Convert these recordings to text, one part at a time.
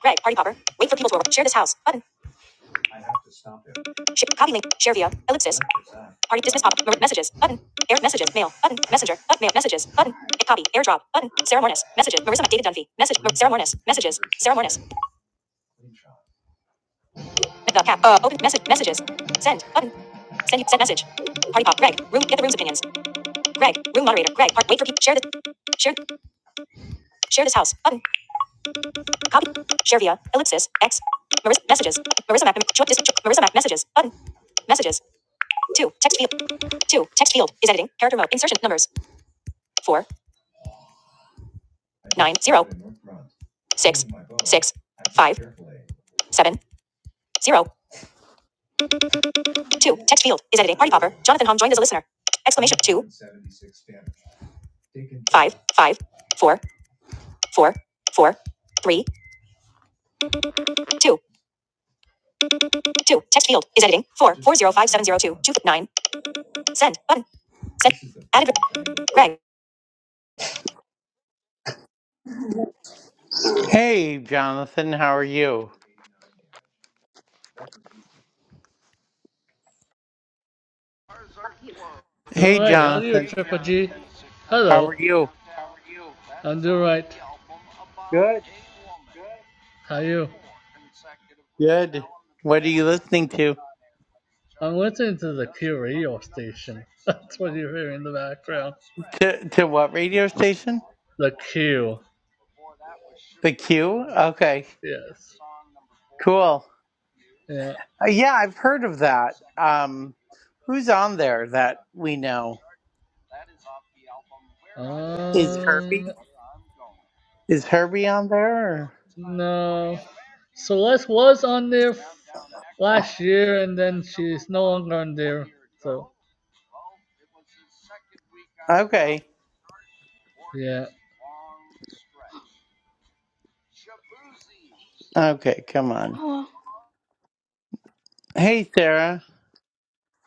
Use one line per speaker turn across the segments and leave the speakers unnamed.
Greg, Party popper. Wait for people to arrive. Share this house. Button. Sh- copy link. Share via. Ellipsis. Party. Dismiss pop. messages. Button. Air. Messages. Mail. Button. Messenger. Up. Mail. Messages. Button. Copy. Airdrop. Button. Sarah Mornes. Messages. Marissa. David Dunphy. Message. Mar- Sarah Mornes. Messages. Sarah Mornes. The cap. Uh. Open. Message. Messages. Send. Button. Send you. Send message. Party pop. Greg. Room. Get the room's opinions. Greg. Room moderator. Greg. Park. Wait for people. Share this. Share. Share this house. Button. Copy. Share via. Ellipsis. X. Marissa. Messages. Marissa Mac. Marissa Mac. Messages. Button. Messages. Two. Text field. Two. Text field is editing. Character mode. Insertion. Numbers. Four. Six. Seven. Zero. Two. Text field is editing. Party popper. Jonathan Hom joined as a listener. Exclamation. Five. Five. Four. Four. Four. Three. Two. Two. Text field is editing. Four. Four zero five seven zero two. Two. Nine. Send. Button. Send. Added. Greg. Hey, Jonathan, how are you?
Doing
Hey,
right. How are you,
Jonathan,
Triple G?
how
Hello.
are you?
I'm doing right.
Good.
How are you?
Good. What are you listening to?
I'm listening to the Q radio station. That's what you are hearing in the background.
To, to what radio station?
The Q.
The Q? Okay,
Yes.
cool.
Yeah.
Uh, yeah, I've heard of that. Um, who's on there that we know? Is
Um.
Herbie? Is Herbie on there?
No. Celeste was on there f- last year, and then she's no longer on there. So,
Or... Okay.
yeah.
Okay, come on.
Oh well,
Hey, Sarah.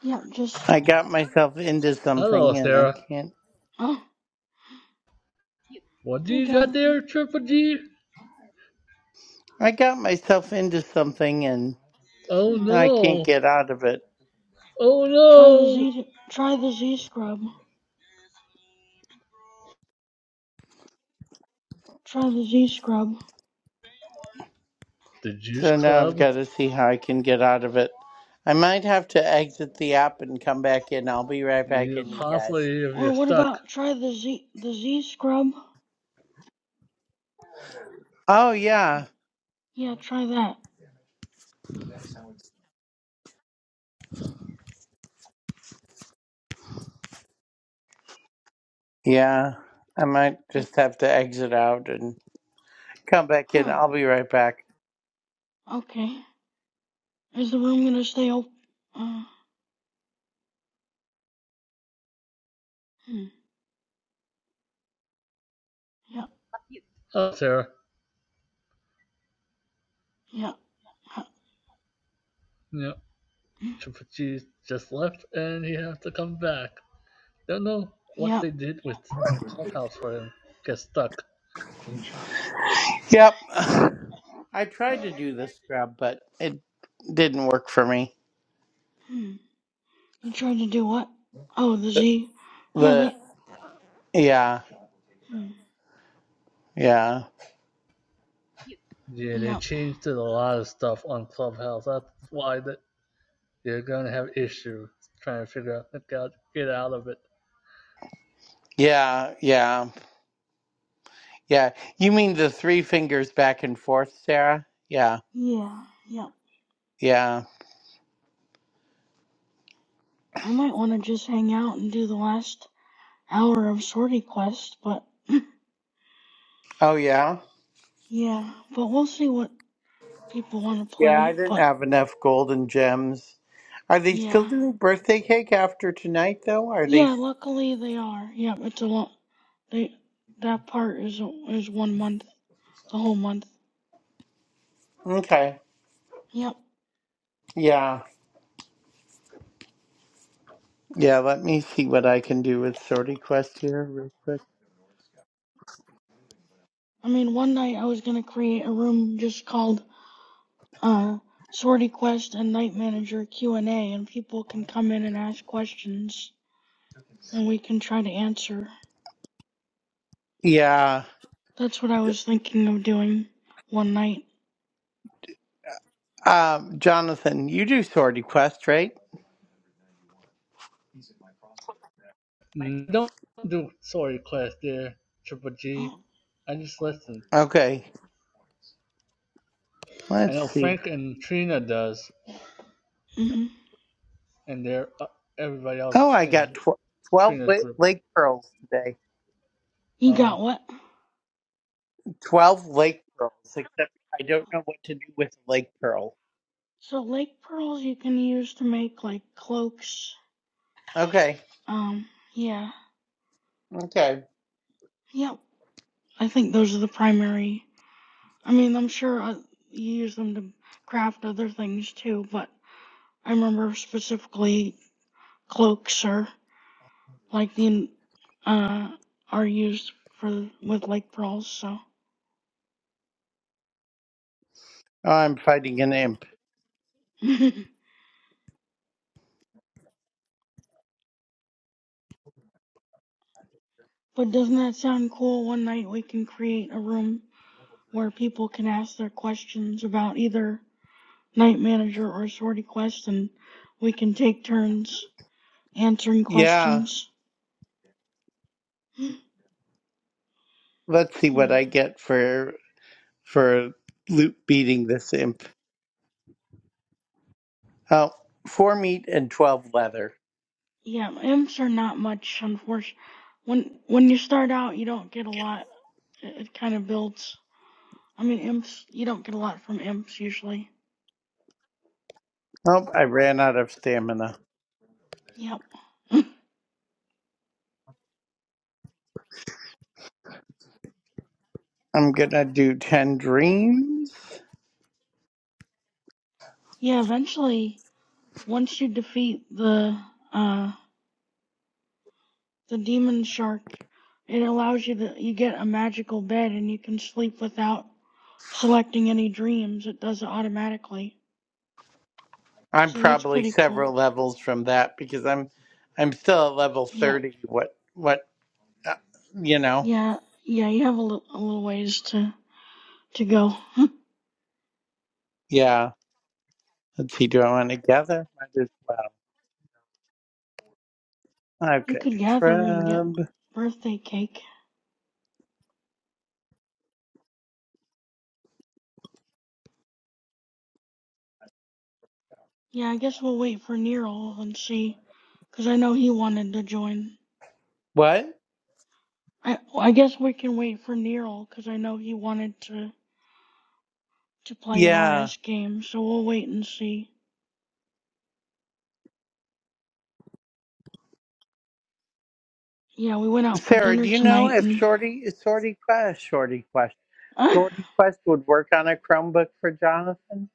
yeah, just
I got myself into
Hello,
something and I
Sarah.
can't.
oh
What do
hey
you got
Jonathan.
there, Triple G?
I got myself into something and
Oh
Hmm.
I can't
no.
get out of it.
Oh
Try the
no.
Z try the Z scrub. Try the Z scrub.
The Juice
So now I've
Club.
got to see how I can get out of it. I might have to exit the app and come back in. I'll be right back
You
in, you
Yeah.
possibly
guys.
if
Or
you're
what
stuck.
about try the Z the Z scrub?
Oh,
Yeah.
yeah.
Yeah, try that.
Yeah. I might
Yeah.
just have to exit out and Come back in.
Huh.
I'll be right back.
Okay. Is the room gonna stay open? Uh. Hmm. Yeah.
Oh, Sarah.
Yeah. Huh.
Yeah.
Hmm.
Triple G just left, and he has to come back. Don't know what
Yeah.
they did with Clubhouse for him. Get stuck.
Yep. I tried to do the scrub, but it didn't work for me.
Hmm. You tried to do what? Oh, the Z. Yeah.
The
That.
yeah,
Hmm.
yeah,
Yeah, they
Yeah.
changed a lot of stuff on Clubhouse. That's why that you're gonna have issues trying to figure out like, how to get out of it.
yeah, yeah, yeah. You mean the three fingers back and forth, Sarah? Yeah,
Yeah. Yeah.
yeah.
I might want to just hang out and do the last hour of sortie quest, but
Oh yeah,
yeah, but we'll see what people want to
yeah. I
play.
didn't
But
have enough golden gems. Are they still
yeah,
doing birthday cake after tonight, though? Are they
yeah. Luckily they are. Yep, it's a lot. They that part is is one month, the whole month.
okay?
Yep.
Yeah, yeah. Let me see what I can do with Sorty Quest here, real quick.
I mean, one night I was gonna create a room just called uh Sortie Quest and Night Manager Q and A, and people can come in and ask questions, and we can try to answer.
Yeah.
That's what I was thinking of doing one night.
Um, Jonathan, you do sword quest, right?
Mm, Don't do sorry class there, Triple G.
Oh,
I just listen.
Okay,
I know
let's see.
Frank and Trina does,
mm-hmm.
and they're uh, everybody else
Oh, I got
in
tw- 12
Trina's
la-
group.
lake pearls today.
You
Uh,
got what?
12 lake pearls, except I don't know what to do with a lake pearl.
So lake pearls you can use to make like cloaks.
Okay,
Um, yeah,
okay.
yep. I think those are the primary. I mean, I'm sure uh, you use them to craft other things too, but I remember specifically cloaks are like the uh are used for with lake pearls. So,
Oh, I'm fighting an imp.
but doesn't that sound cool? One night we can create a room where people can ask their questions about either night manager or sortie quest, and we can take turns answering
Yeah,
questions.
let's see what I get for for loot beating this imp. Oh, four meat and 12 leather.
yeah, imps are not much, unfortunately. When when you start out, you don't get a lot. It, it kind of builds. I mean, imps, you don't get a lot from imps usually.
Oh, I ran out of stamina.
Yep.
I'm gonna do 10 dreams.
yeah, eventually, once you defeat the uh the demon shark, it allows you to you get a magical bed and you can sleep without selecting any dreams. It does it automatically.
I'm
So that's
probably
pretty cool.
several levels from that because I'm I'm still at level
Yeah,
30. What what uh, you know?
yeah, yeah. You have a little, a little ways to to go.
Yeah. Let's see. Do I want to gather? Might as well. I've
you
got
could
a
gather and get
trub.
birthday cake. Yeah, I guess we'll wait for Nero and see, because I know he wanted to join.
What?
I I guess we can wait for Nero because I know he wanted to to play an
Yeah.
RS game. So we'll wait and see. Yeah, we went out for
Sarah,
dinner
do you know
tonight,
if
and
Shorty is Shorty Quest? Shorty Quest.
I
Shorty Quest would work on a Chromebook for Jonathan.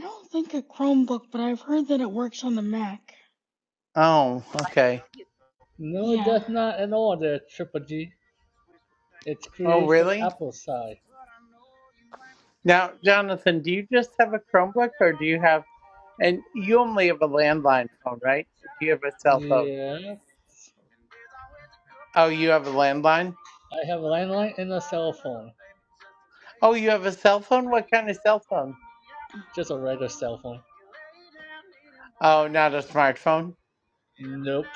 don't think a Chromebook, but I've heard that it works on the Mac.
Oh, okay.
no,
Yeah.
that's not at all. There, Triple G. It's
Oh,
created for the
really?
Apple side.
Now, Jonathan, do you just have a Chromebook or do you have, and you only have a landline phone, right? Or do you have a cell
my
phone?
heart go away. Yeah,
Oh, you have a landline?
I have a landline and a cell phone.
Oh, you have a cell phone? What kind of cell phone?
Just a regular cell phone.
Oh, not a smartphone?
Nope.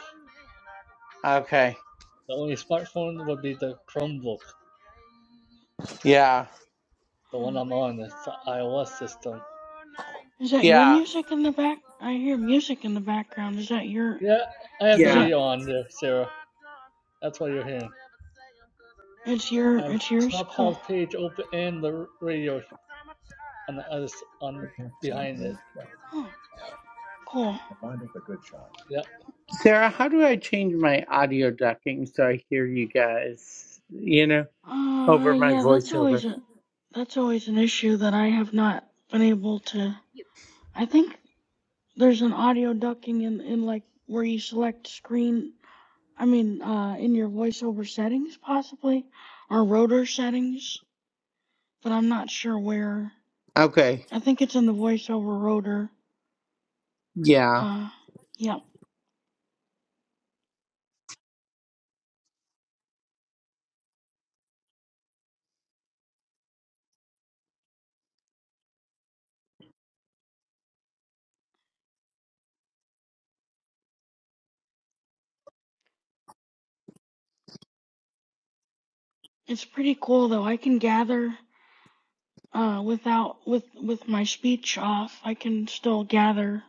Okay.
The only smartphone would be the Chromebook,
Yeah.
the
Hmm.
one I'm on. It's the iOS system.
Is that your
Yeah.
music in the back? I hear music in the background. Is that your?
Yeah, I have the
Is
Yeah.
that?
radio on there, Sarah. That's what you're hearing.
It's your.
I have
It's yours. Cool.
Clubhouse page open and the radio on the other s- on behind it.
Huh. Cool.
Yep.
Sarah, how do I change my audio ducking so I hear you guys, you know,
Uh,
over my
yeah. That's
voiceover?
always a. That's always an issue that I have not been able to. I think there's an audio ducking in in like where you select screen. I mean, uh, in your voiceover settings possibly, or rotor settings, but I'm not sure where.
Okay.
I think it's in the voiceover rotor.
Yeah.
Uh, yep. It's pretty cool though. I can gather uh without with with my speech off. I can still gather.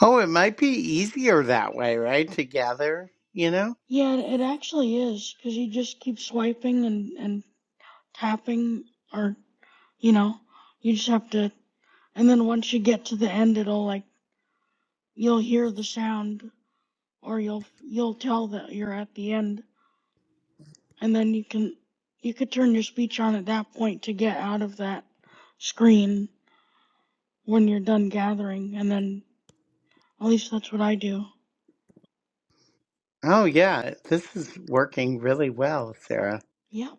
Oh, it might be easier that way, right? To gather, you know?
Yeah, it, it actually is because you just keep swiping and and tapping or you know, you just have to and then once you get to the end it'll like you'll hear the sound or you'll you'll tell that you're at the end and then you can you could turn your speech on at that point to get out of that screen when you're done gathering and then at least that's what I do.
Oh, yeah. This is working really well, Sarah.
Yep.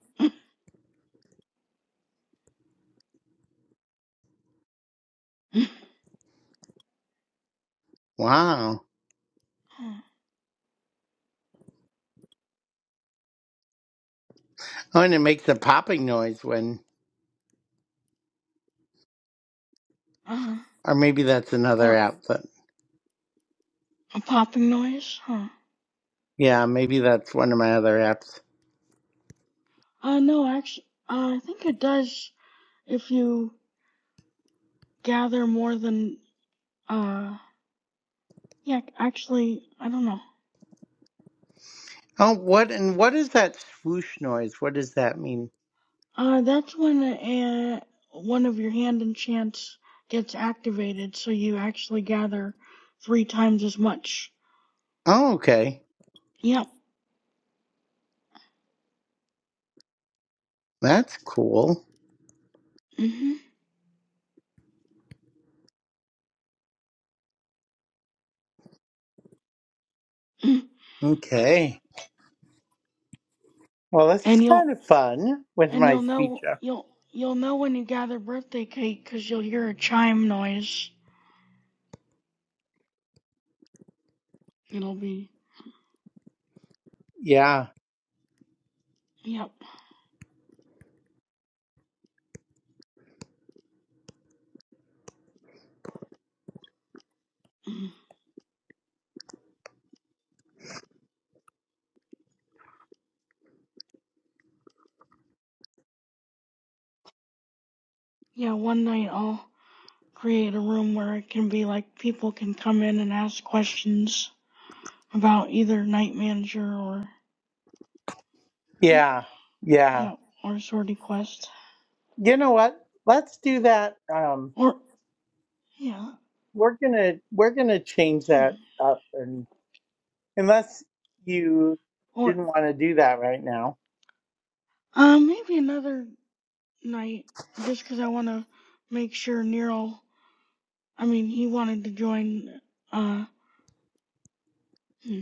Wow.
Huh.
Oh, and it makes a popping noise when,
Uh,
or maybe that's another
or
app. But
a popping noise, huh?
yeah, maybe that's one of my other apps.
Uh, no, actually, uh, I think it does if you gather more than, uh, yeah, actually, I don't know.
Oh, what, and what is that swoosh noise? What does that mean?
Uh, that's when uh, one of your hand enchants gets activated, so you actually gather three times as much.
Oh, okay.
Yep.
That's cool.
Mm-hmm.
Okay. Well, this is
And you'll,
kind of fun with
and
my
you'll
speech
know,
up.
you'll, you'll know when you gather birthday cake, cause you'll hear a chime noise. It'll be
Yeah.
Yep. Yeah, one night I'll create a room where it can be like people can come in and ask questions about either night manager or
Yeah. Yeah.
yeah, or sortie quest.
You know what? Let's do that. Um,
Or yeah.
we're gonna, we're gonna change
Hmm.
that up and. Unless you
Or
didn't want to do that right now.
uh, maybe another night just 'cause I want to make sure Nero I mean, he wanted to join uh hmm.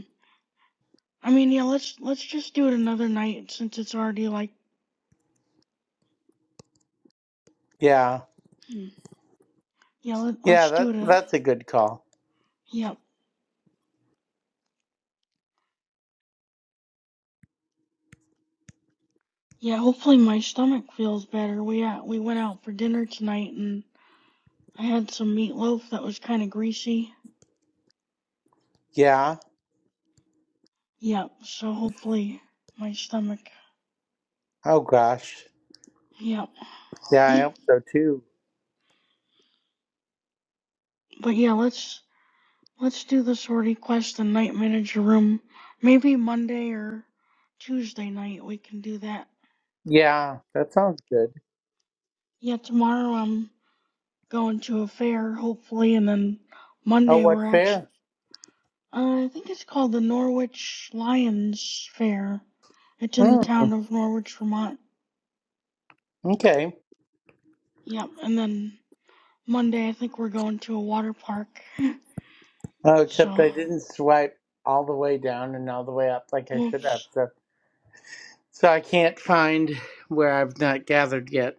I mean, yeah, let's let's just do it another night since it's already like
Yeah.
hmm. yeah, let,
Yeah,
let's do
that
it a
that's a good call.
yep. Yeah, hopefully my stomach feels better. We uh, we went out for dinner tonight and I had some meatloaf that was kind of greasy.
Yeah.
Yep, yeah, so hopefully my stomach.
Oh gosh.
Yep.
Yeah,
Yeah.
I hope so too.
But yeah, let's let's do the sortie quest and night manager room. Maybe Monday or Tuesday night we can do that.
Yeah, that sounds good.
Yeah, tomorrow I'm going to a fair hopefully and then
Oh,
Monday
what
we're actually
fair?
Uh, I think it's called the Norwich Lions Fair. It's in the
Mm,
town of Norwich, Vermont.
okay.
Yep, and then Monday I think we're going to a water park.
Oh, except
So,
I didn't swipe all the way down and all the way up like I should have.
whoops.
So, so I can't find where I've not gathered yet.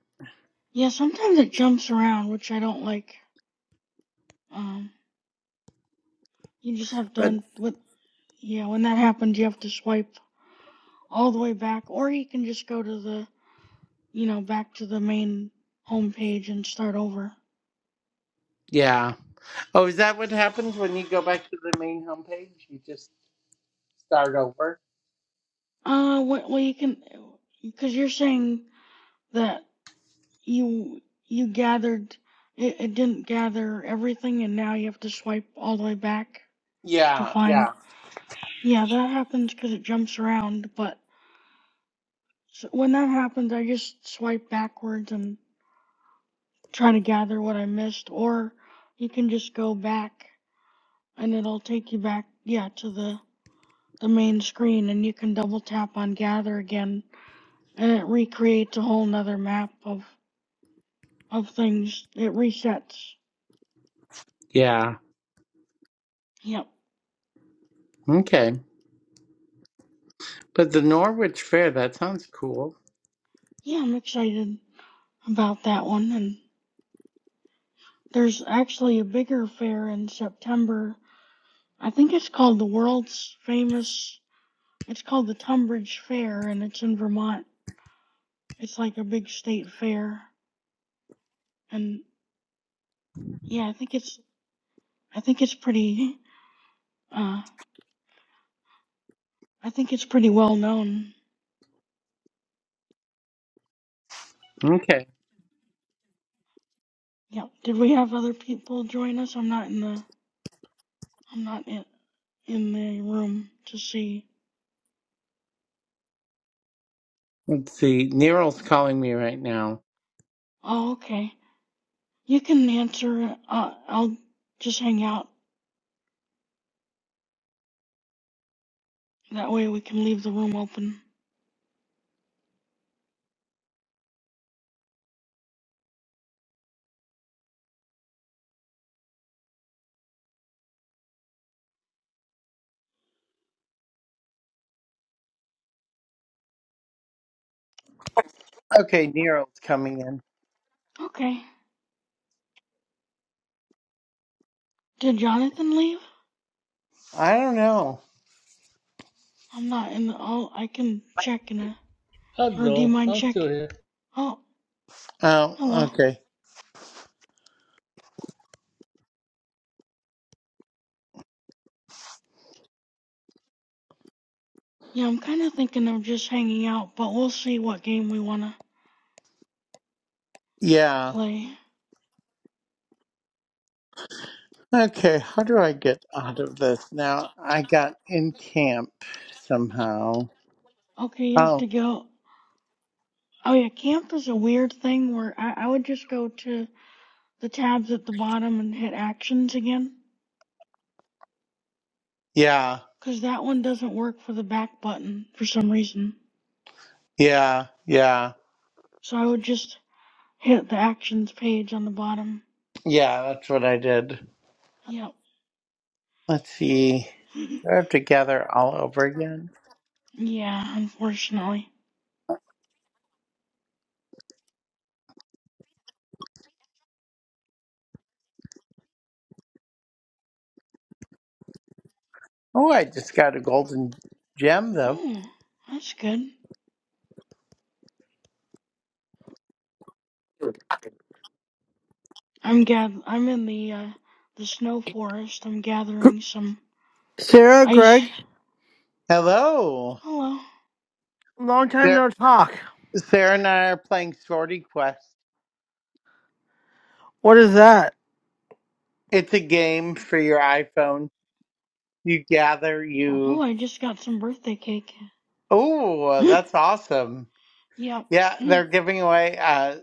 Yeah, sometimes it jumps around, which I don't like. Um, you just have to,
But
with, yeah, when that happens, you have to swipe all the way back, or you can just go to the, you know, back to the main homepage and start over.
yeah. Oh, is that what happens when you go back to the main homepage? You just start over?
Uh, well, you can, because you're saying that you you gathered it, it didn't gather everything and now you have to swipe all the way back to
Yeah,
find
yeah.
yeah that happens because it jumps around but s when that happens i just swipe backwards and try to gather what i missed or you can just go back and it'll take you back yeah to the the main screen and you can double tap on gather again and it recreates a whole nother map of of things it resets
Yeah.
yep
Okay. But the Norwich Fair, that sounds cool.
yeah i'm excited about that one. And there's actually a bigger fair in September. I think it's called the world's famous, it's called the Tunbridge Fair, and it's in Vermont. It's like a big state fair. And yeah, I think it's, I think it's pretty, uh, I think it's pretty well known.
Okay.
Yep. Did we have other people join us? I'm not in the, I'm not in, in the room to see.
Let's see. Nero's calling me right now.
Oh, okay. You can answer. Uh, I'll just hang out. That way we can leave the room open.
Okay, Nero's coming in.
Okay. Did Jonathan leave?
I don't know.
I'm not in the. Oh, I can check in a. Or do you
Hello,
mind
I'm still
checking?
here.
Oh,
Oh,
hello.
okay.
Yeah, I'm kind of thinking of just hanging out, but we'll see what game we want to
Yeah.
play.
Okay, how do I get out of this now? I got in camp somehow.
Okay, you have
Oh,
to go. Oh, yeah, camp is a weird thing where I, I would just go to the tabs at the bottom and hit actions again.
yeah.
Because that one doesn't work for the back button for some reason.
Yeah. Yeah.
So I would just hit the actions page on the bottom.
Yeah, that's what I did.
Yep.
Let's see. Do I have to gather all over again?
Yeah, unfortunately.
Oh, I just got a golden gem, though.
Ooh, that's good. I'm gath- I'm in the uh the snow forest. I'm gathering some
Sarah, Greg,
ice.
Hello.
Hello.
long time
Sarah,
no talk.
Sarah and I are playing Sorty Quest.
What is that?
It's a game for your iPhone. You gather, you.
Oh, I just got some birthday cake.
Oh,
Mm,
that's awesome.
yep.
Yeah,
Mm,
they're giving away, uh,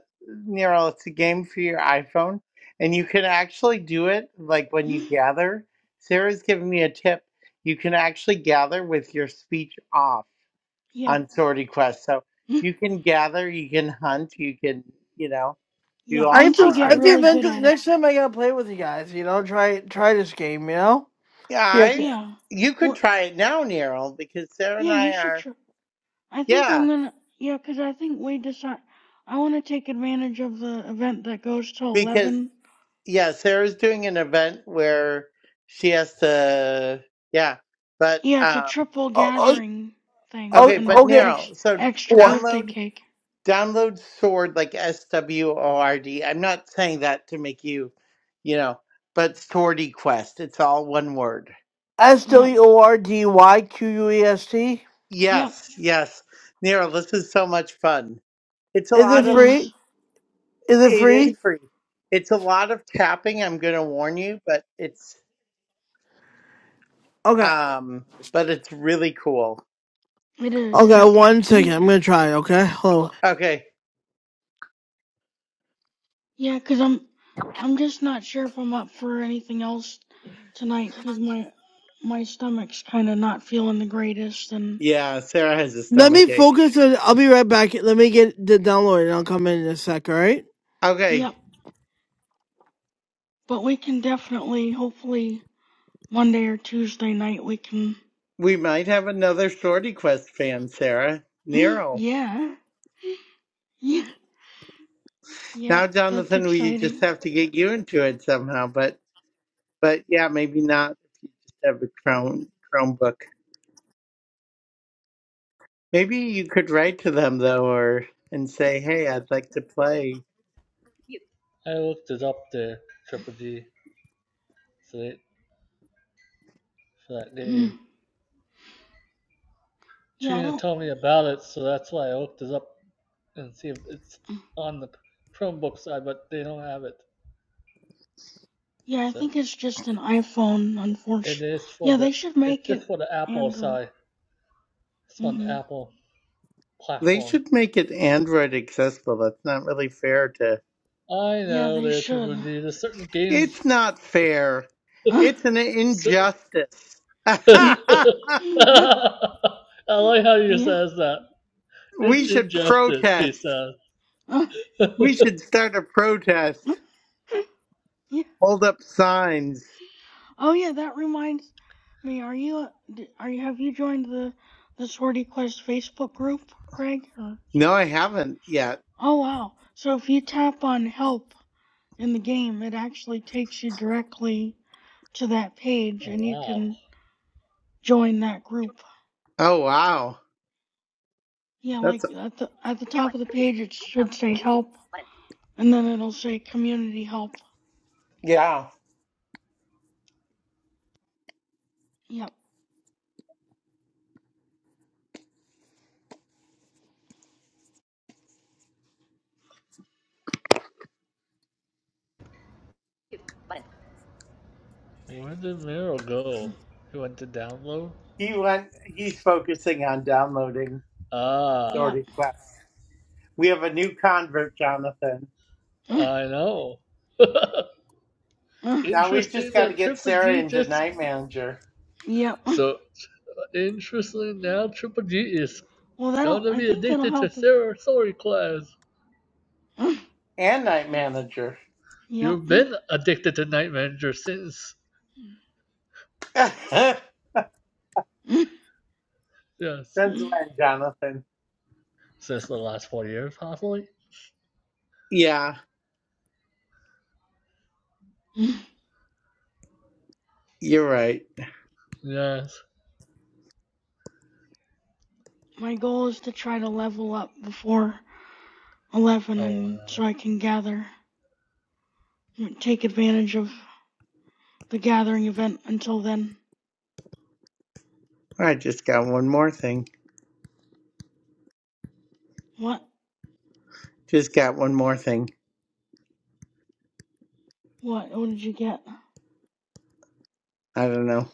Nero, it's a game for your iPhone. And you can actually do it like when you
mm,
gather. Sarah's giving me a tip. You can actually gather with your speech off.
yep.
on Sortie Quest. So
Mm,
you can gather, you can hunt, you can, you know, do
yeah,
I
all
have
once you
to.
sorts
I
get
have
of.
to
really good
eventually.
at it.
Next time I gotta play with you guys. You know, try try this game. You know.
Yeah,
See. if-
I,
Yeah.
you could
Well,
try it now, Nero, because Sarah and
yeah,
I
you should
are.
tr- I think
Yeah,
I'm gonna yeah, 'cause I think we decide I want to take advantage of the event that goes till
because,
11
yeah, Sarah's doing an event where she has to. Yeah, but,
Yeah, it's a
um,
triple
Oh,
gathering thing
oh,
okay,
and
oh
but
okay.
Nero,
ex-
so
extra
What?
birthday
download.
cake.
Download Sword like S W O R D. I'm not saying that to make you, you know, but Swordy Quest. It's all one word.
S
Yep,
W O R D Y Q U E S T.
yep,
Yes, yes. Nero, this is so much fun. It's a
Is
lot
it
it
of
free?
is.
Is it
it is
It
free?
free. It's a lot of tapping, I'm gonna warn you, but it's
Okay.
um but it's really cool.
it is.
Okay.
Yep.
One second.
Mhm.
I'm gonna try. it, Okay. Hold. on.
Okay.
Yeah, i I'm I'm just not sure if I'm up for anything else tonight. 'Cause my my stomach's kind of not feeling the greatest. And
Yeah, Sarah has a
Let me
stomach ache.
focus. On, I'll be right back. Let me get the download, and I'll come in in a sec. All right.
Okay.
yep, but we can definitely, hopefully, Monday or Tuesday night we can.
We might have another Shorty Quest fan, Sarah.
Mhm.
Nero.
Yeah, yeah,
Now
yep. That's
Jonathan, we just
exciting.
have to get you into it somehow, but but yeah, maybe not just have a Chrome Chromebook. Maybe you could write to them though, or and say, "Hey, I'd like to play."
I looked it up there, Triple G, for that, for that game.
Mhm. Yeah, I
Trina
don't.
told me about it, so that's why I looked it up and see if it's on the Chromebook side, but they don't have it.
Yeah, I
So
think it's just an iPhone,
it
unfortunately.
is for
Yeah,
the,
they should
it's
make
just
it
for the Apple
Android.
side. It's on the
hmm
Apple
They
platform.
should make it Android accessible. That's not really fair to.
I
Yeah,
know
they
there,
should.
Triple G. There's certain games.
It's not fair.
yeah.
It's an
Certain
injustice.
I like how you
yeah.
says that. It's
we should
ingested, he
protest.
says.
We should start a protest. Hold up signs.
Oh yeah, that reminds me. Are you? Are you? Have you joined the the Swordy Quest Facebook group, Greg? Or
No, I haven't yet.
oh wow. So if you tap on help in the game, it actually takes you directly to that page,
Oh,
and you
wow.
can join that group.
Oh wow,
Yeah,
that's
like at the at the top of the page it should say help, and then it'll say community help.
yeah.
Yep.
Where did Meryl go?
Mm.
He went to download?
He went. He's focusing on downloading
Ah,
Yep.
sorting class. We have a new convert, Jonathan.
Mm.
I know.
Mm.
Now we've just
interesting
got to
that
get
Triple
Sarah
G
into
just.
night manager
Yep. Mm.
So, so interesting now Triple G is
Well, that'll
gonna
I
be
think that'll
addicted to
help if.
Sarah Sorry class.
Mm.
and night manager.
Yep.
You've
Mm.
been addicted to Night Manager since.
Since
Mm.
Yes.
when,
Mm.
Jonathan?
Since the last four years, possibly?
Yeah,
Mm.
you're right.
Yes.
My goal is to try to level up before eleven,
Oh,
and
wow.
so I can gather, take advantage of the gathering event until then.
I just got one more thing.
What?
Just got one more thing.
What? What did you get?
I don't know.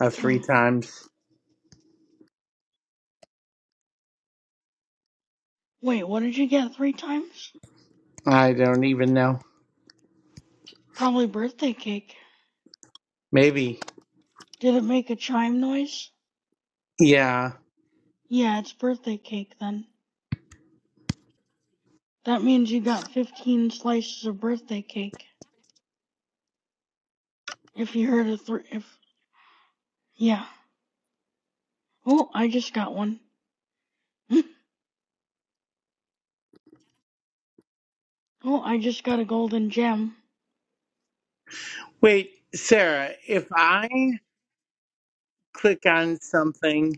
Uh,
Huh.
three times.
Wait, what did you get three times?
I don't even know.
Probably birthday cake.
Maybe.
Did it make a chime noise?
Yeah.
Yeah, it's birthday cake then. That means you got 15 slices of birthday cake. If you heard a three, if, yeah. Oh, I just got one. oh, I just got a golden gem.
Wait, Sarah, if I click on something,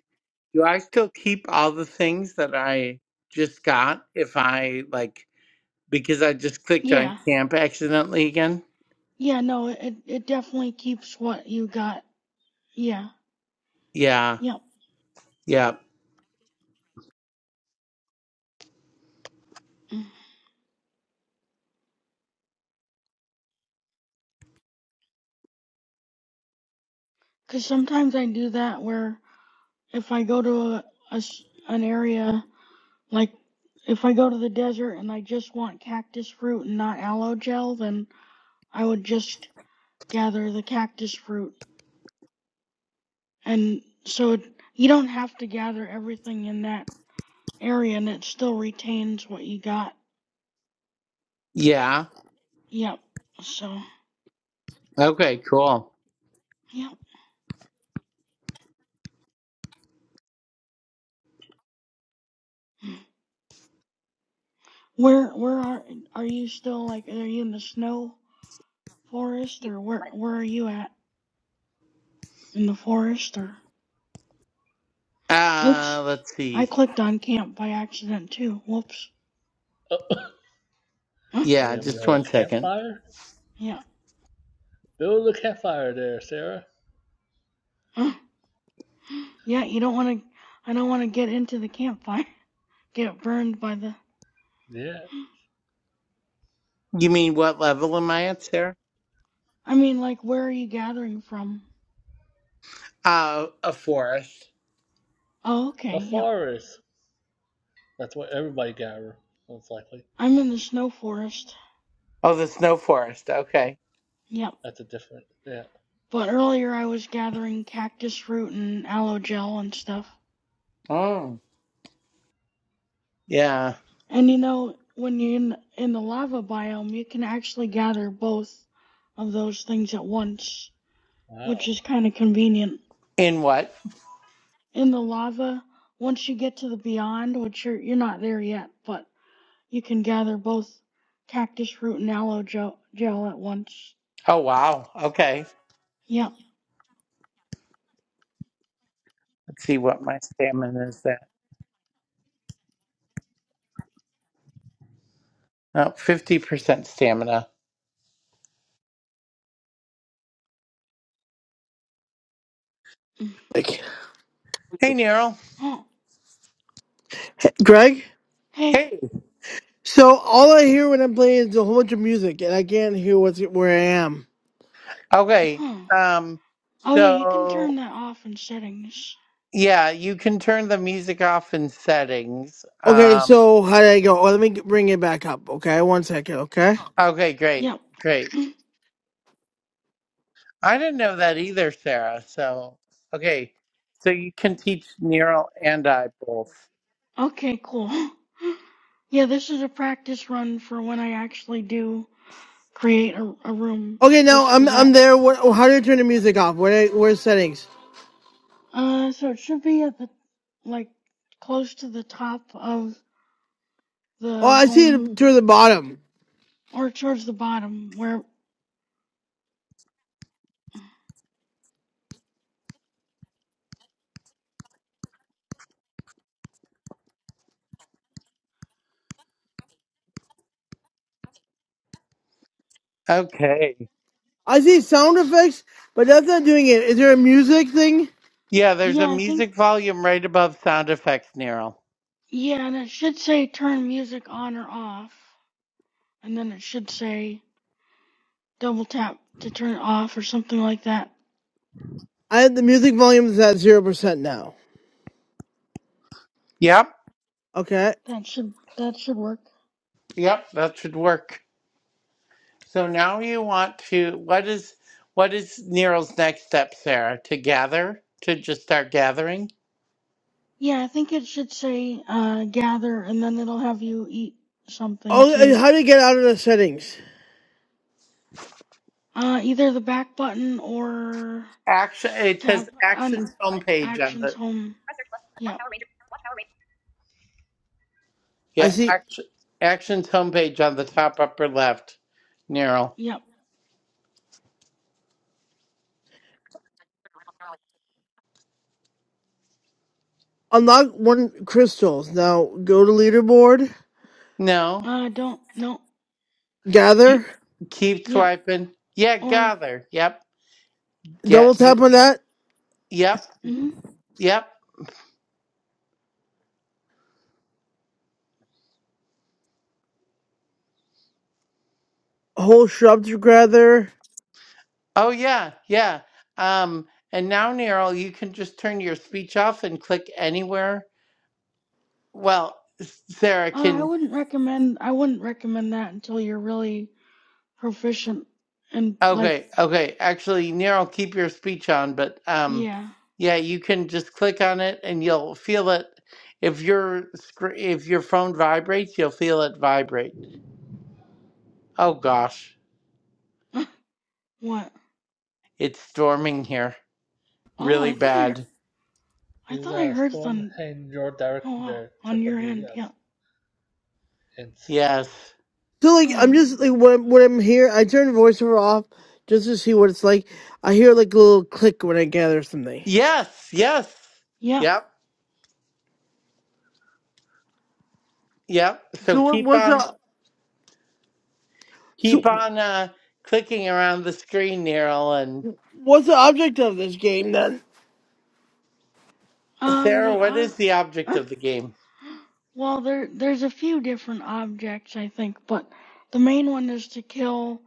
do I still keep all the things that I just got if I like because I just clicked on
Yeah.
camp accidentally again?
Yeah, no, it, it definitely keeps what you got. Yeah.
Yeah.
Yep.
Yeah.
Cause sometimes I do that where if I go to a a, an area, like if I go to the desert and I just want cactus fruit and not aloe gel, then I would just gather the cactus fruit. And so it, you don't have to gather everything in that area and it still retains what you got.
Yeah.
Yep. So,
Okay, cool.
yep. Where where are are you still like are you in the snow forest or where where are you at in the forest or
Uh
oops.
let's
I
see.
clicked on camp by accident too. Whoops.
Oh,
Huh?
are
Yeah,
you gonna
just
build
one
a
second.
campfire?
Yeah.
Build a campfire there, Sarah.
Huh? Yeah, you don't want to I don't want to get into the campfire. Get burned by the
Yeah.
You mean what level am I at, Sarah?
I mean like where are you gathering from?
Uh a forest.
Oh, okay,
The
yep.
forest. That's what everybody got her, most likely.
I'm in the snow forest.
Oh, the snow forest. Okay.
Yep.
That's a different. Yeah.
But earlier I was gathering cactus root and aloe gel and stuff.
Oh. Yeah.
And you know, when you're in, in the lava biome, you can actually gather both of those things at once,
Wow.
which is kind of convenient.
In what?
In the lava, once you get to the beyond, which you're, you're not there yet, but you can gather both cactus root and aloe gel, gel at once.
Oh wow. Okay.
Yep.
Let's see what my stamina is at. Oh, 50% stamina.
Mm.
Like,
Hey Neural.
Huh.
Greg.
Hey.
Hey.
So all I hear when I'm playing is a whole bunch of music, and I can't hear what's where I am.
Okay.
Huh.
Um
Oh yeah, you can
so
turn that off in settings.
yeah, you can turn the music off in settings.
Okay,
Um
so how did I go? Oh, let me g- bring it back up. Okay, one second. Okay.
Okay, great,
Yep.
great. I didn't know that either, Sarah. So, okay, so you can teach neural and eye both.
Okay, cool. Yeah, this is a practice run for when I actually do create a, a room
Okay, now
just for
I'm I'm
that.
there. What, how do I turn the music off? Where where's settings?
Uh, so it should be at the, like, close to the top of
Oh,
the
I see
home,
it toward the bottom.
or towards the bottom, where,
Okay.
I see sound effects, but that's not doing it. Is there a music thing?
Yeah, there's a
yeah, I think,
music volume right above sound effects neural.
yeah, and it should say turn music on or off, and then it should say double tap to turn it off or something like that.
I the music volume is at zero percent now.
Yep,
Okay.
That should, that should work.
yep, that should work. So now you want to what is what is neural's next step, Sarah? To gather, to just start gathering?
Yeah, I think it should say uh, gather, and then it'll have you eat something
Oh, and
to
how do you get out of the settings?
uh, either the back button or
Action it
tap
says
on
actions homepage on
actions
the
home. Yep,
I
yeah,
see
action actions homepage on the top upper left. Neural.
yep.
unlock one crystals. Now go to leaderboard.
No.
Uh, don't no.
You
Gather.
keep
Yep,
swiping. Yeah,
or
gather. Yep.
double
Get you.
tap on that
Yep.
mm uh,
Yep.
whole shrub together.
Oh yeah. Yeah. Um. And now, Neural, you can just turn your speech off and click anywhere. Well, S- Sarah
I
can.
wouldn't recommend. I wouldn't recommend that until you're really proficient and like
Okay. Okay. Actually, Neural, keep your speech on, but um,
yeah.
yeah, you can just click on it and you'll feel it. If your scr- if your phone vibrates, you'll feel it vibrate. Oh gosh,
what?
it's storming here,
Oh,
really
I thought I hear-
bad.
I
You
thought I
got a
heard it
storm
on.
heading your
Oh
direction
wow,
there,
on your end.
Tripadillas.
Yeah.
Hence,
Yes.
So like
Huh.
I'm just
yeah.
like when
huh.
when I'm here, I turn voiceover off just to see what it's like. I hear like a little click when I gather something.
Yes. Yes.
Yep.
Yep. Yep. So
So what
keep
what's
on
the so
keep on uh clicking around the screen, Neryl and
what's the object of this game then?
Um,
Sarah,
the
what is the object
uh,
of the game?
well, there there's a few different objects I think, but the main one is to kill,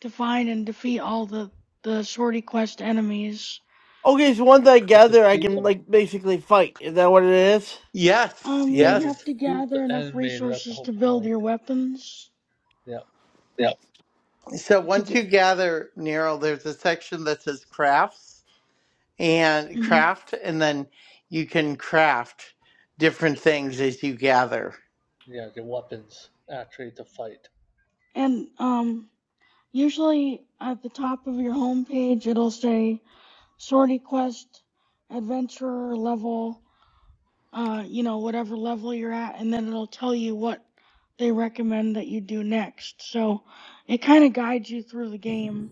to find, and defeat all the the sortie quest enemies.
Okay, so once I
To
gather, I
defeat
can
the,
like basically fight. Is that what it is?
Yes,
Um,
you
yeah,
have
you
to
yes.
have to
defeat the
gather enough
enemy. That's the
resources
whole
to build
point.
your weapons
Yeah.
Yeah.
So
to
once you
get.
gather Neryl, there's a section that says crafts and
hmm
craft and then you can craft different things as you gather.
Yeah. The weapons actually to fight.
And um, usually at the top of your homepage it'll say sortie quest, adventurer level. uh, you know, whatever level you're at, and then it'll tell you what they recommend that you do next. So it kind of guides you through the game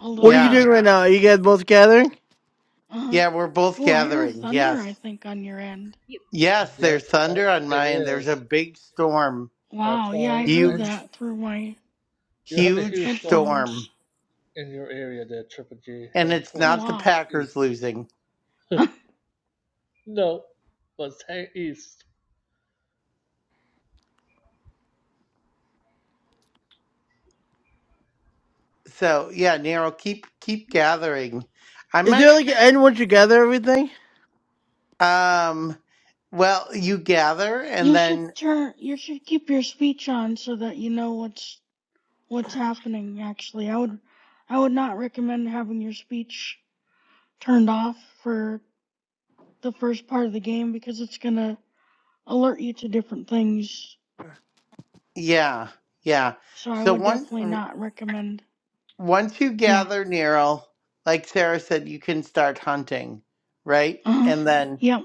a
What
little
are you
bit.
Yeah.
doing right now? Are you guys both gathering?
Uh-huh.
Yeah, we're both
Oh, I heard
gathering.
thunder,
Yes.
I think, on your end.
Yes,
Yes,
there's
that
thunder on
it
mine. There's a
is.
big storm.
That's
Wow, yeah,
why
I heard
I,
Huge
that through my
you have a
Huge
huge storm
storm.
headphones.
in your area there, Triple G,
And
heading
it's
Oh,
towards
not the
wow.
Packers
east.
losing.
No, but it's heading east.
So yeah, Nero, keep keep gathering. I
Is there
might
like an end once you gather everything?
um well you gather and
you should
then
turn, you should keep your speech on so that you know what's what's happening, actually. I would I would not recommend having your speech turned off for the first part of the game because it's gonna alert you to different things.
yeah, yeah.
So I
So
would
once
definitely not recommend.
once you
Yeah.
gather Nero, like Sarah said, you can start hunting, right?
Uh huh.
And then
Yep.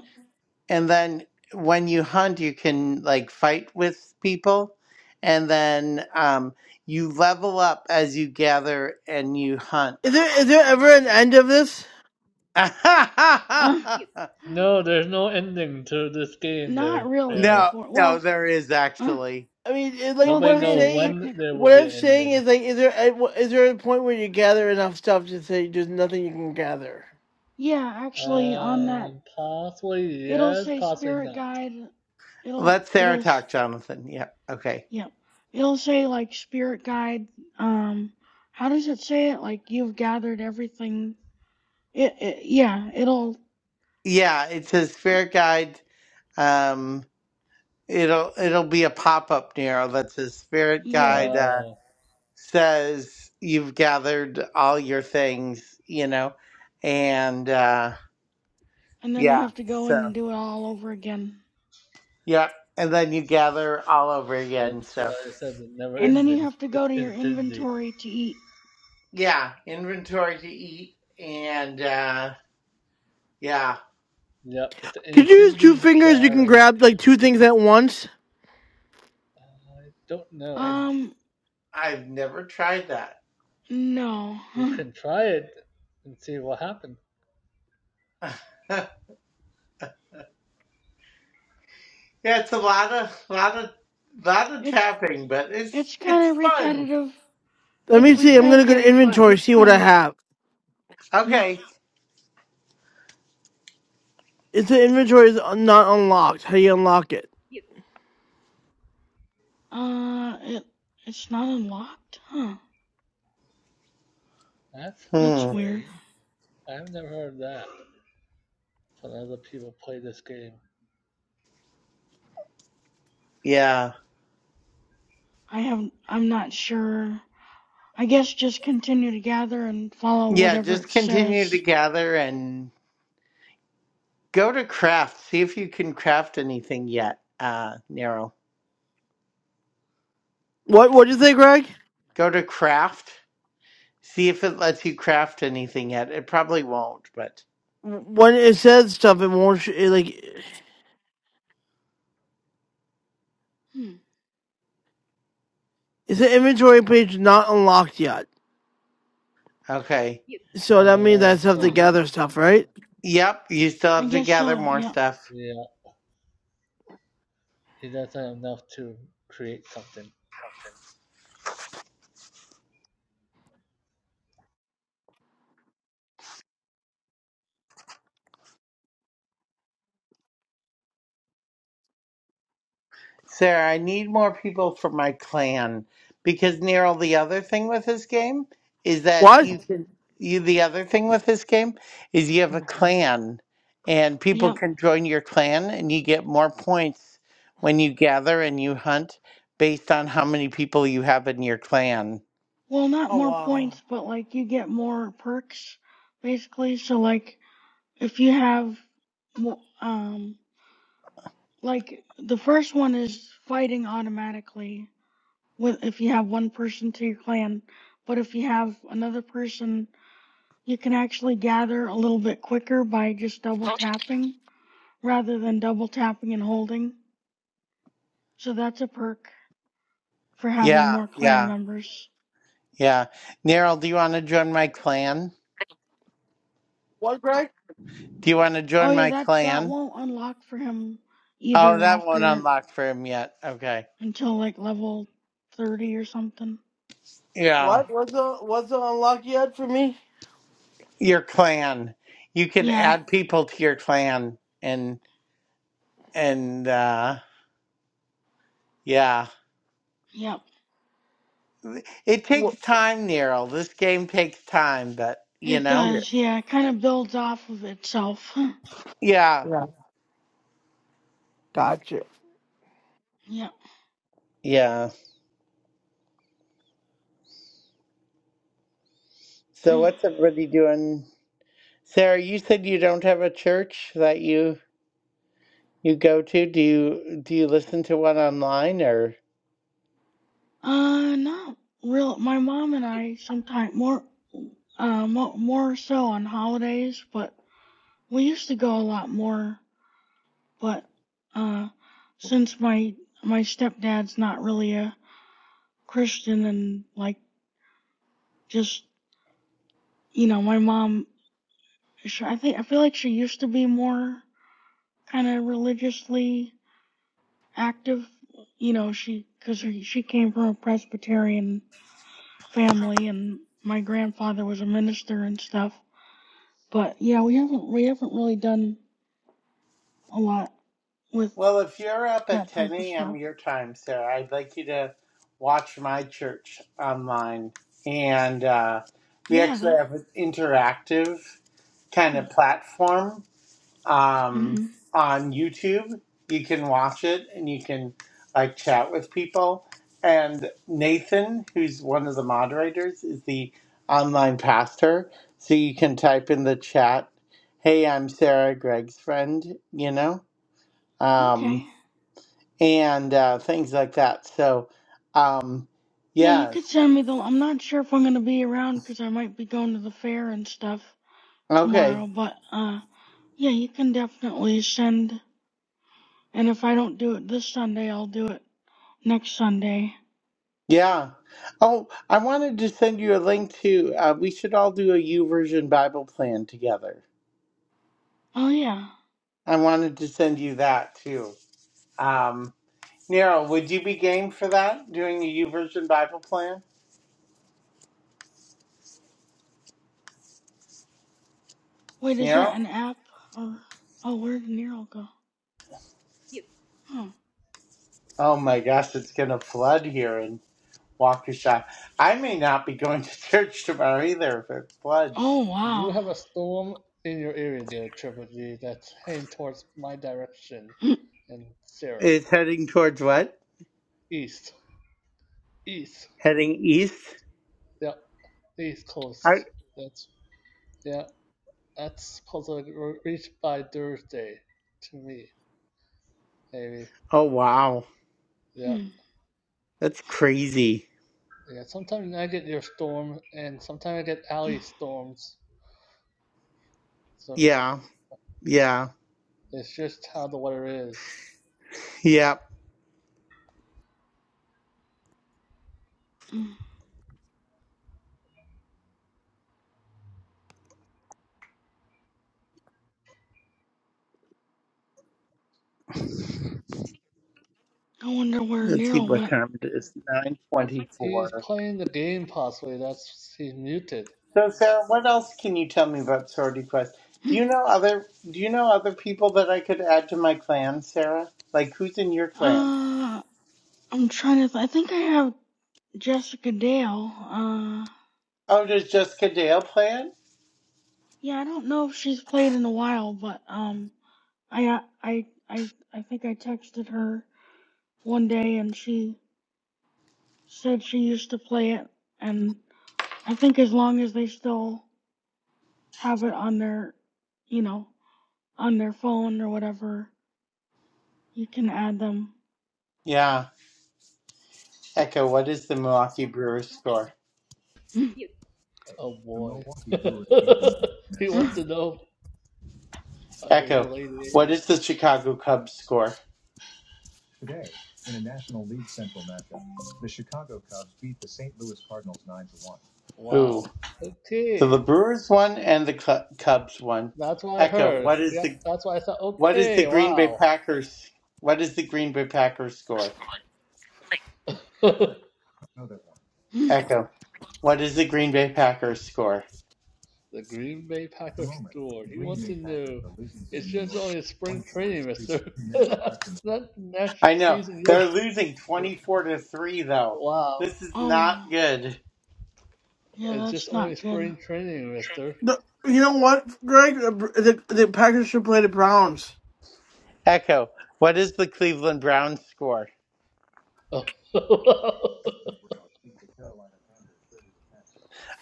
and then when you hunt you can like fight with people and then um you level up as you gather and you
Is
hunt
there is there ever an end of this?
Uh.
no,
No, there's no ending to this game there,
Not really,
Pharaoh.
unfortunately.
no,
Well,
there is
uh,
actually.
I mean, it, like
well,
Nobody
what
there
I'm
knows
is
saying,
when
technic.
there will
what
be
I'm
an
saying
ending.
is like, is there a- wh- is there a point where you gather enough stuff to say there's nothing you can gather?
Yeah, actually, on that,
Um, possibly
it'll
yes,
say
possibly
spirit
not.
guide. It'll
Let Sarah
it'll
talk, Jonathan. Yeah. Okay.
yep. It'll say like spirit guide. Um, how does it say it? Like you've gathered everything. It, it yeah. It'll
Yeah, it says spirit guide. Um, it'll it'll be a pop up Nero that says spirit
yeah.
guide uh,
Oh,
says you've gathered all your things, you know, and uh,
And then you
yeah.
have to go in and
So
do it all over again.
yeah, and then you gather all over again.
that's
So
why I said it's never
And
it's
then you
ending.
have to go
It's
to your
infinity.
inventory to eat.
yeah, inventory to eat and uh, yeah.
Yep, it's an
Could you use two
infinity
fingers? You can
gathering.
grab like two things at once.
I don't know.
Um,
I've never tried that.
no.
You can try it and see what happens.
yeah, it's a lot of lot of lot of
It's
tapping, but it's
it's kind
it's
of
fun.
repetitive.
Let me
It's
see.
Uh-huh.
I'm gonna go to
repetitive, but
inventory,
it's
see what
kind
I
of
have.
yeah.
Okay.
If the inventory is un- not unlocked, how do you unlock it?
Uh, it it's not unlocked, huh?
That's
That's
Hmm.
weird.
strange. I've never heard that. When other people play this game.
Yeah.
I have I'm not sure. I guess just continue to gather and follow
Yeah,
whatever
just
it
continue to
says.
gather and go to craft. See if you can craft anything yet, uh, Nero.
What What did you say, Greg?
Go to craft. See if it lets you craft anything yet. It probably won't, but
W- When it says stuff, it won't sh- it, like.
Hmm.
Is the inventory page not unlocked yet?
okay.
So that means I
Oh,
still have
so
to
Huh.
he,
gather stuff, right?
Yep, you still
I
have to
guess
gather
so.
more
Yep.
stuff.
yeah. He doesn't have enough to create something.
Sarah, I need more people for my clan because Nero, the other thing with this game is that
What?
you can you the other thing with this game is you have a clan and people
Yep.
can join your clan and you get more points when you gather and you hunt based on how many people you have in your clan.
Well, not
Oh
more
wow.
points, but like you get more perks, basically. So like if you have, mo- um, like the first one is fighting automatically with if you have one person to your clan, but if you have another person, you can actually gather a little bit quicker by just double tapping rather than double tapping and holding. So that's a perk for having
Yeah,
more clan
yeah,
members.
yeah. Nero, do you want to join my clan?
What, Greg?
Do you want to
Oh
join
yeah,
my
that that
clan?
won't unlock for him
Oh,
either
that won't
after
unlock for him yet. Okay.
until like level 30 or something.
Yeah.
What was the was the unlock yet for me?
your clan. You can
Yeah,
add people to your clan and and uh yeah.
yep.
It
What?
takes time, Nero. This game takes time, but you
It
know?
Yeah,
does. Yeah, it kind of builds off of itself.
Yeah.
yeah, gotcha.
yep.
Yeah. So what's everybody doing? Sarah, you said you don't have a church that you you go to. Do you do you listen to one online or
Uh, not real. My mom and I sometimes more uh mo- more so on holidays, but we used to go a lot more, but uh since my my stepdad's not really a Christian and like just you know, my mom she, I think I feel like she used to be more kind of religiously active. You know, she because she she came from a Presbyterian family, and my grandfather was a minister and stuff. But yeah, we haven't we haven't really done a lot with
Well, if you're up at
that
10
type of
a.m.
stuff.
your time, Sarah, I'd like you to watch my church online. And uh, we
Yeah,
actually
that.
have an interactive kind
Hmm.
of platform um,
hmm
on YouTube. You can watch it and you can like chat with people. And Nathan, who's one of the moderators, is the online pastor. So you can type in the chat, hey, I'm Sarah, Greg's friend, you know? Um,
Okay.
and uh, things like that. So, um,
Yeah, you could
yes.
send me the. I'm not sure if I'm gonna be around, cause I might be going to the fair and stuff
Okay.
tomorrow. But uh, yeah, you can definitely send. And if I don't do it this Sunday, I'll do it next Sunday.
Yeah. Oh, I wanted to send you a link to, uh, we should all do a U version Bible plan together.
Oh yeah.
I wanted to send you that too. Um, Nero, would you be game for that? Doing a U version Bible plan?
Wait, is that
Nero?
an app or oh, where did Nero go? Huh.
Oh my gosh, it's going to flood here in Waukesha. I may not be going to church tomorrow either if it floods.
Oh
You
wow.
have a storm in your area there, Triple G, that's heading towards my direction and Sarah.
It's heading towards what?
East. East.
Heading east?
Yeah. East coast. That's yeah. That's supposed to reach by Thursday to me, maybe.
Oh wow,
Yeah.
that's crazy.
Yeah. Sometimes I get your storm and sometimes I get alley storms. So
Yeah, yeah,
it's just how the weather is.
yep.
I wonder where
Let's see
Nero
what
went.
time it is. Nine
He's
twenty-four.
playing the game possibly, that's he's muted.
So Sarah, what else can you tell me about Sorority Quest? Do you know other Do you know other people that I could add to my clan, Sarah? Like who's in your clan?
Uh, I'm trying to. Th- I think I have Jessica Dale. Uh,
Oh, does Jessica Dale play it?
yeah, I don't know if she's played in a while, but um, I uh, I I I think I texted her one day and she said she used to play it, and I think as long as they still have it on their, you know. on their phone or whatever, you can add them.
Yeah. Echo, what is the Milwaukee Brewers score?
Oh boy. he wants to know uh, his
Echo, what
lady.
is the Chicago Cubs score? Ooh.
Wow.
So the
Okay.
Brewers won and the Cl- Cubs won.
That's what I
Echo,
heard.
what is
Yep,
the
that's what I thought.
What is the
Okay,
Green Bay
wow.
Packers? What is the Green Bay Packers score?
the
Echo. What is the Green Bay Packers score?
Green Bay Packers scored. He wants to know. It's just only spring training, mister. Not next
I know
season yet.
they're losing twenty-four to three, though.
Wow.
This is not
oh,
good.
yeah,
It's just
that's
only
not good.
spring training, mister.
The, you know what, Greg? The, the the Packers should play the Browns.
Echo. What is the Cleveland Browns score?
Oh.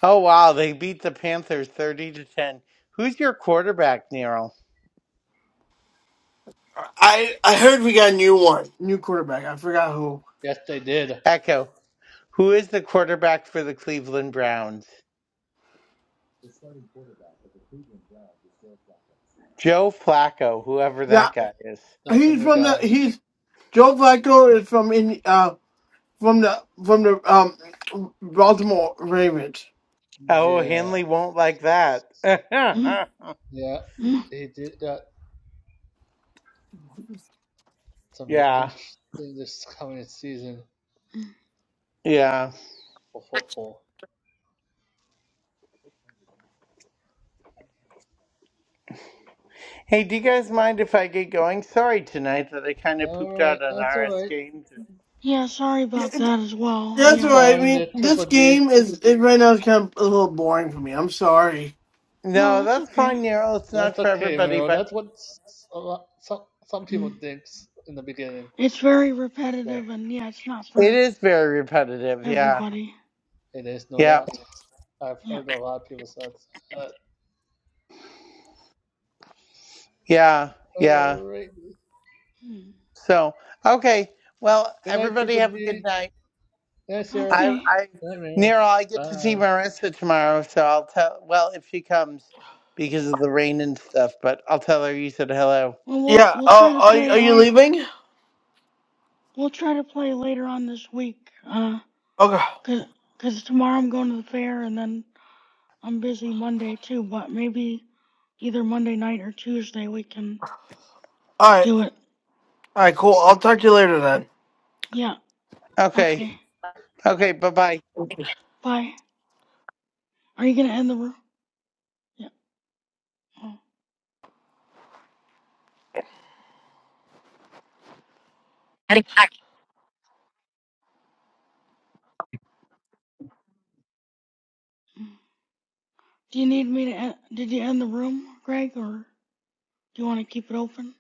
Oh wow, they beat the Panthers thirty to ten. Who's your quarterback, Nero?
I I heard we got a new one, new quarterback. I forgot who.
yes, they did.
Echo. Who is the quarterback for the Cleveland Browns? Joe Flacco, whoever
Yeah,
that
Yeah,
guy is.
that's a
he's
new
from the
guy.
he's Joe Flacco is from in uh from the from the um Baltimore Ravens.
Oh,
Yeah.
Hanley won't like that.
Yeah, he did got some
Yeah.
interesting this coming season
Yeah.
for football.
Hey, do you guys mind if I get going? Sorry tonight that I kind of
All
pooped
right,
out on
that's all
RS
right.
games.
yeah, sorry
Yeah,
about
it-
that as well.
that's
That's
all
Yeah.
right. I
fine. They're
mean, this
triple G.
game is it, right now is kind of a little boring for me. I'm sorry.
No,
No,
that's
that's
okay.
fine, Nero. It's not
That's
for
okay,
everybody,
Meryl. That's
but
what s- a lot, some some people
Mm.
think in the beginning.
It's very
So
repetitive and yeah, it's not
it
for
is very repetitive. Yeah.
everybody.
it is no
Yeah.
doubt. I've
Yeah.
heard a lot of people say that. Uh,
Yeah.
all
Yeah.
right.
Mm.
So, okay. Well,
Good night,
everybody
triple
have a good
G.
night.
Good night, Sarah.
I,
Okay.
I,
Good night, Meryl.
Nero, I get to
Bye.
see Marissa tomorrow, so I'll tell, well, if she comes because of the rain and stuff, but I'll tell her you said hello.
Well, we'll
Yeah.
we'll try
Uh,
to
are
play
are you
our
leaving? Okay.
we'll try to play later on this week. Uh,
All
cause, 'cause tomorrow I'm going to the fair and then I'm busy Monday too. But maybe Either Monday night or Tuesday we can
right.
do it.
All right, cool. I'll talk to you later then.
Yeah. Okay.
Okay. Okay. Bye bye.
Bye. Are you gonna end the room? Yeah. Oh. Do you need me to? End, did you end the room, Greg, or do you want to keep it open?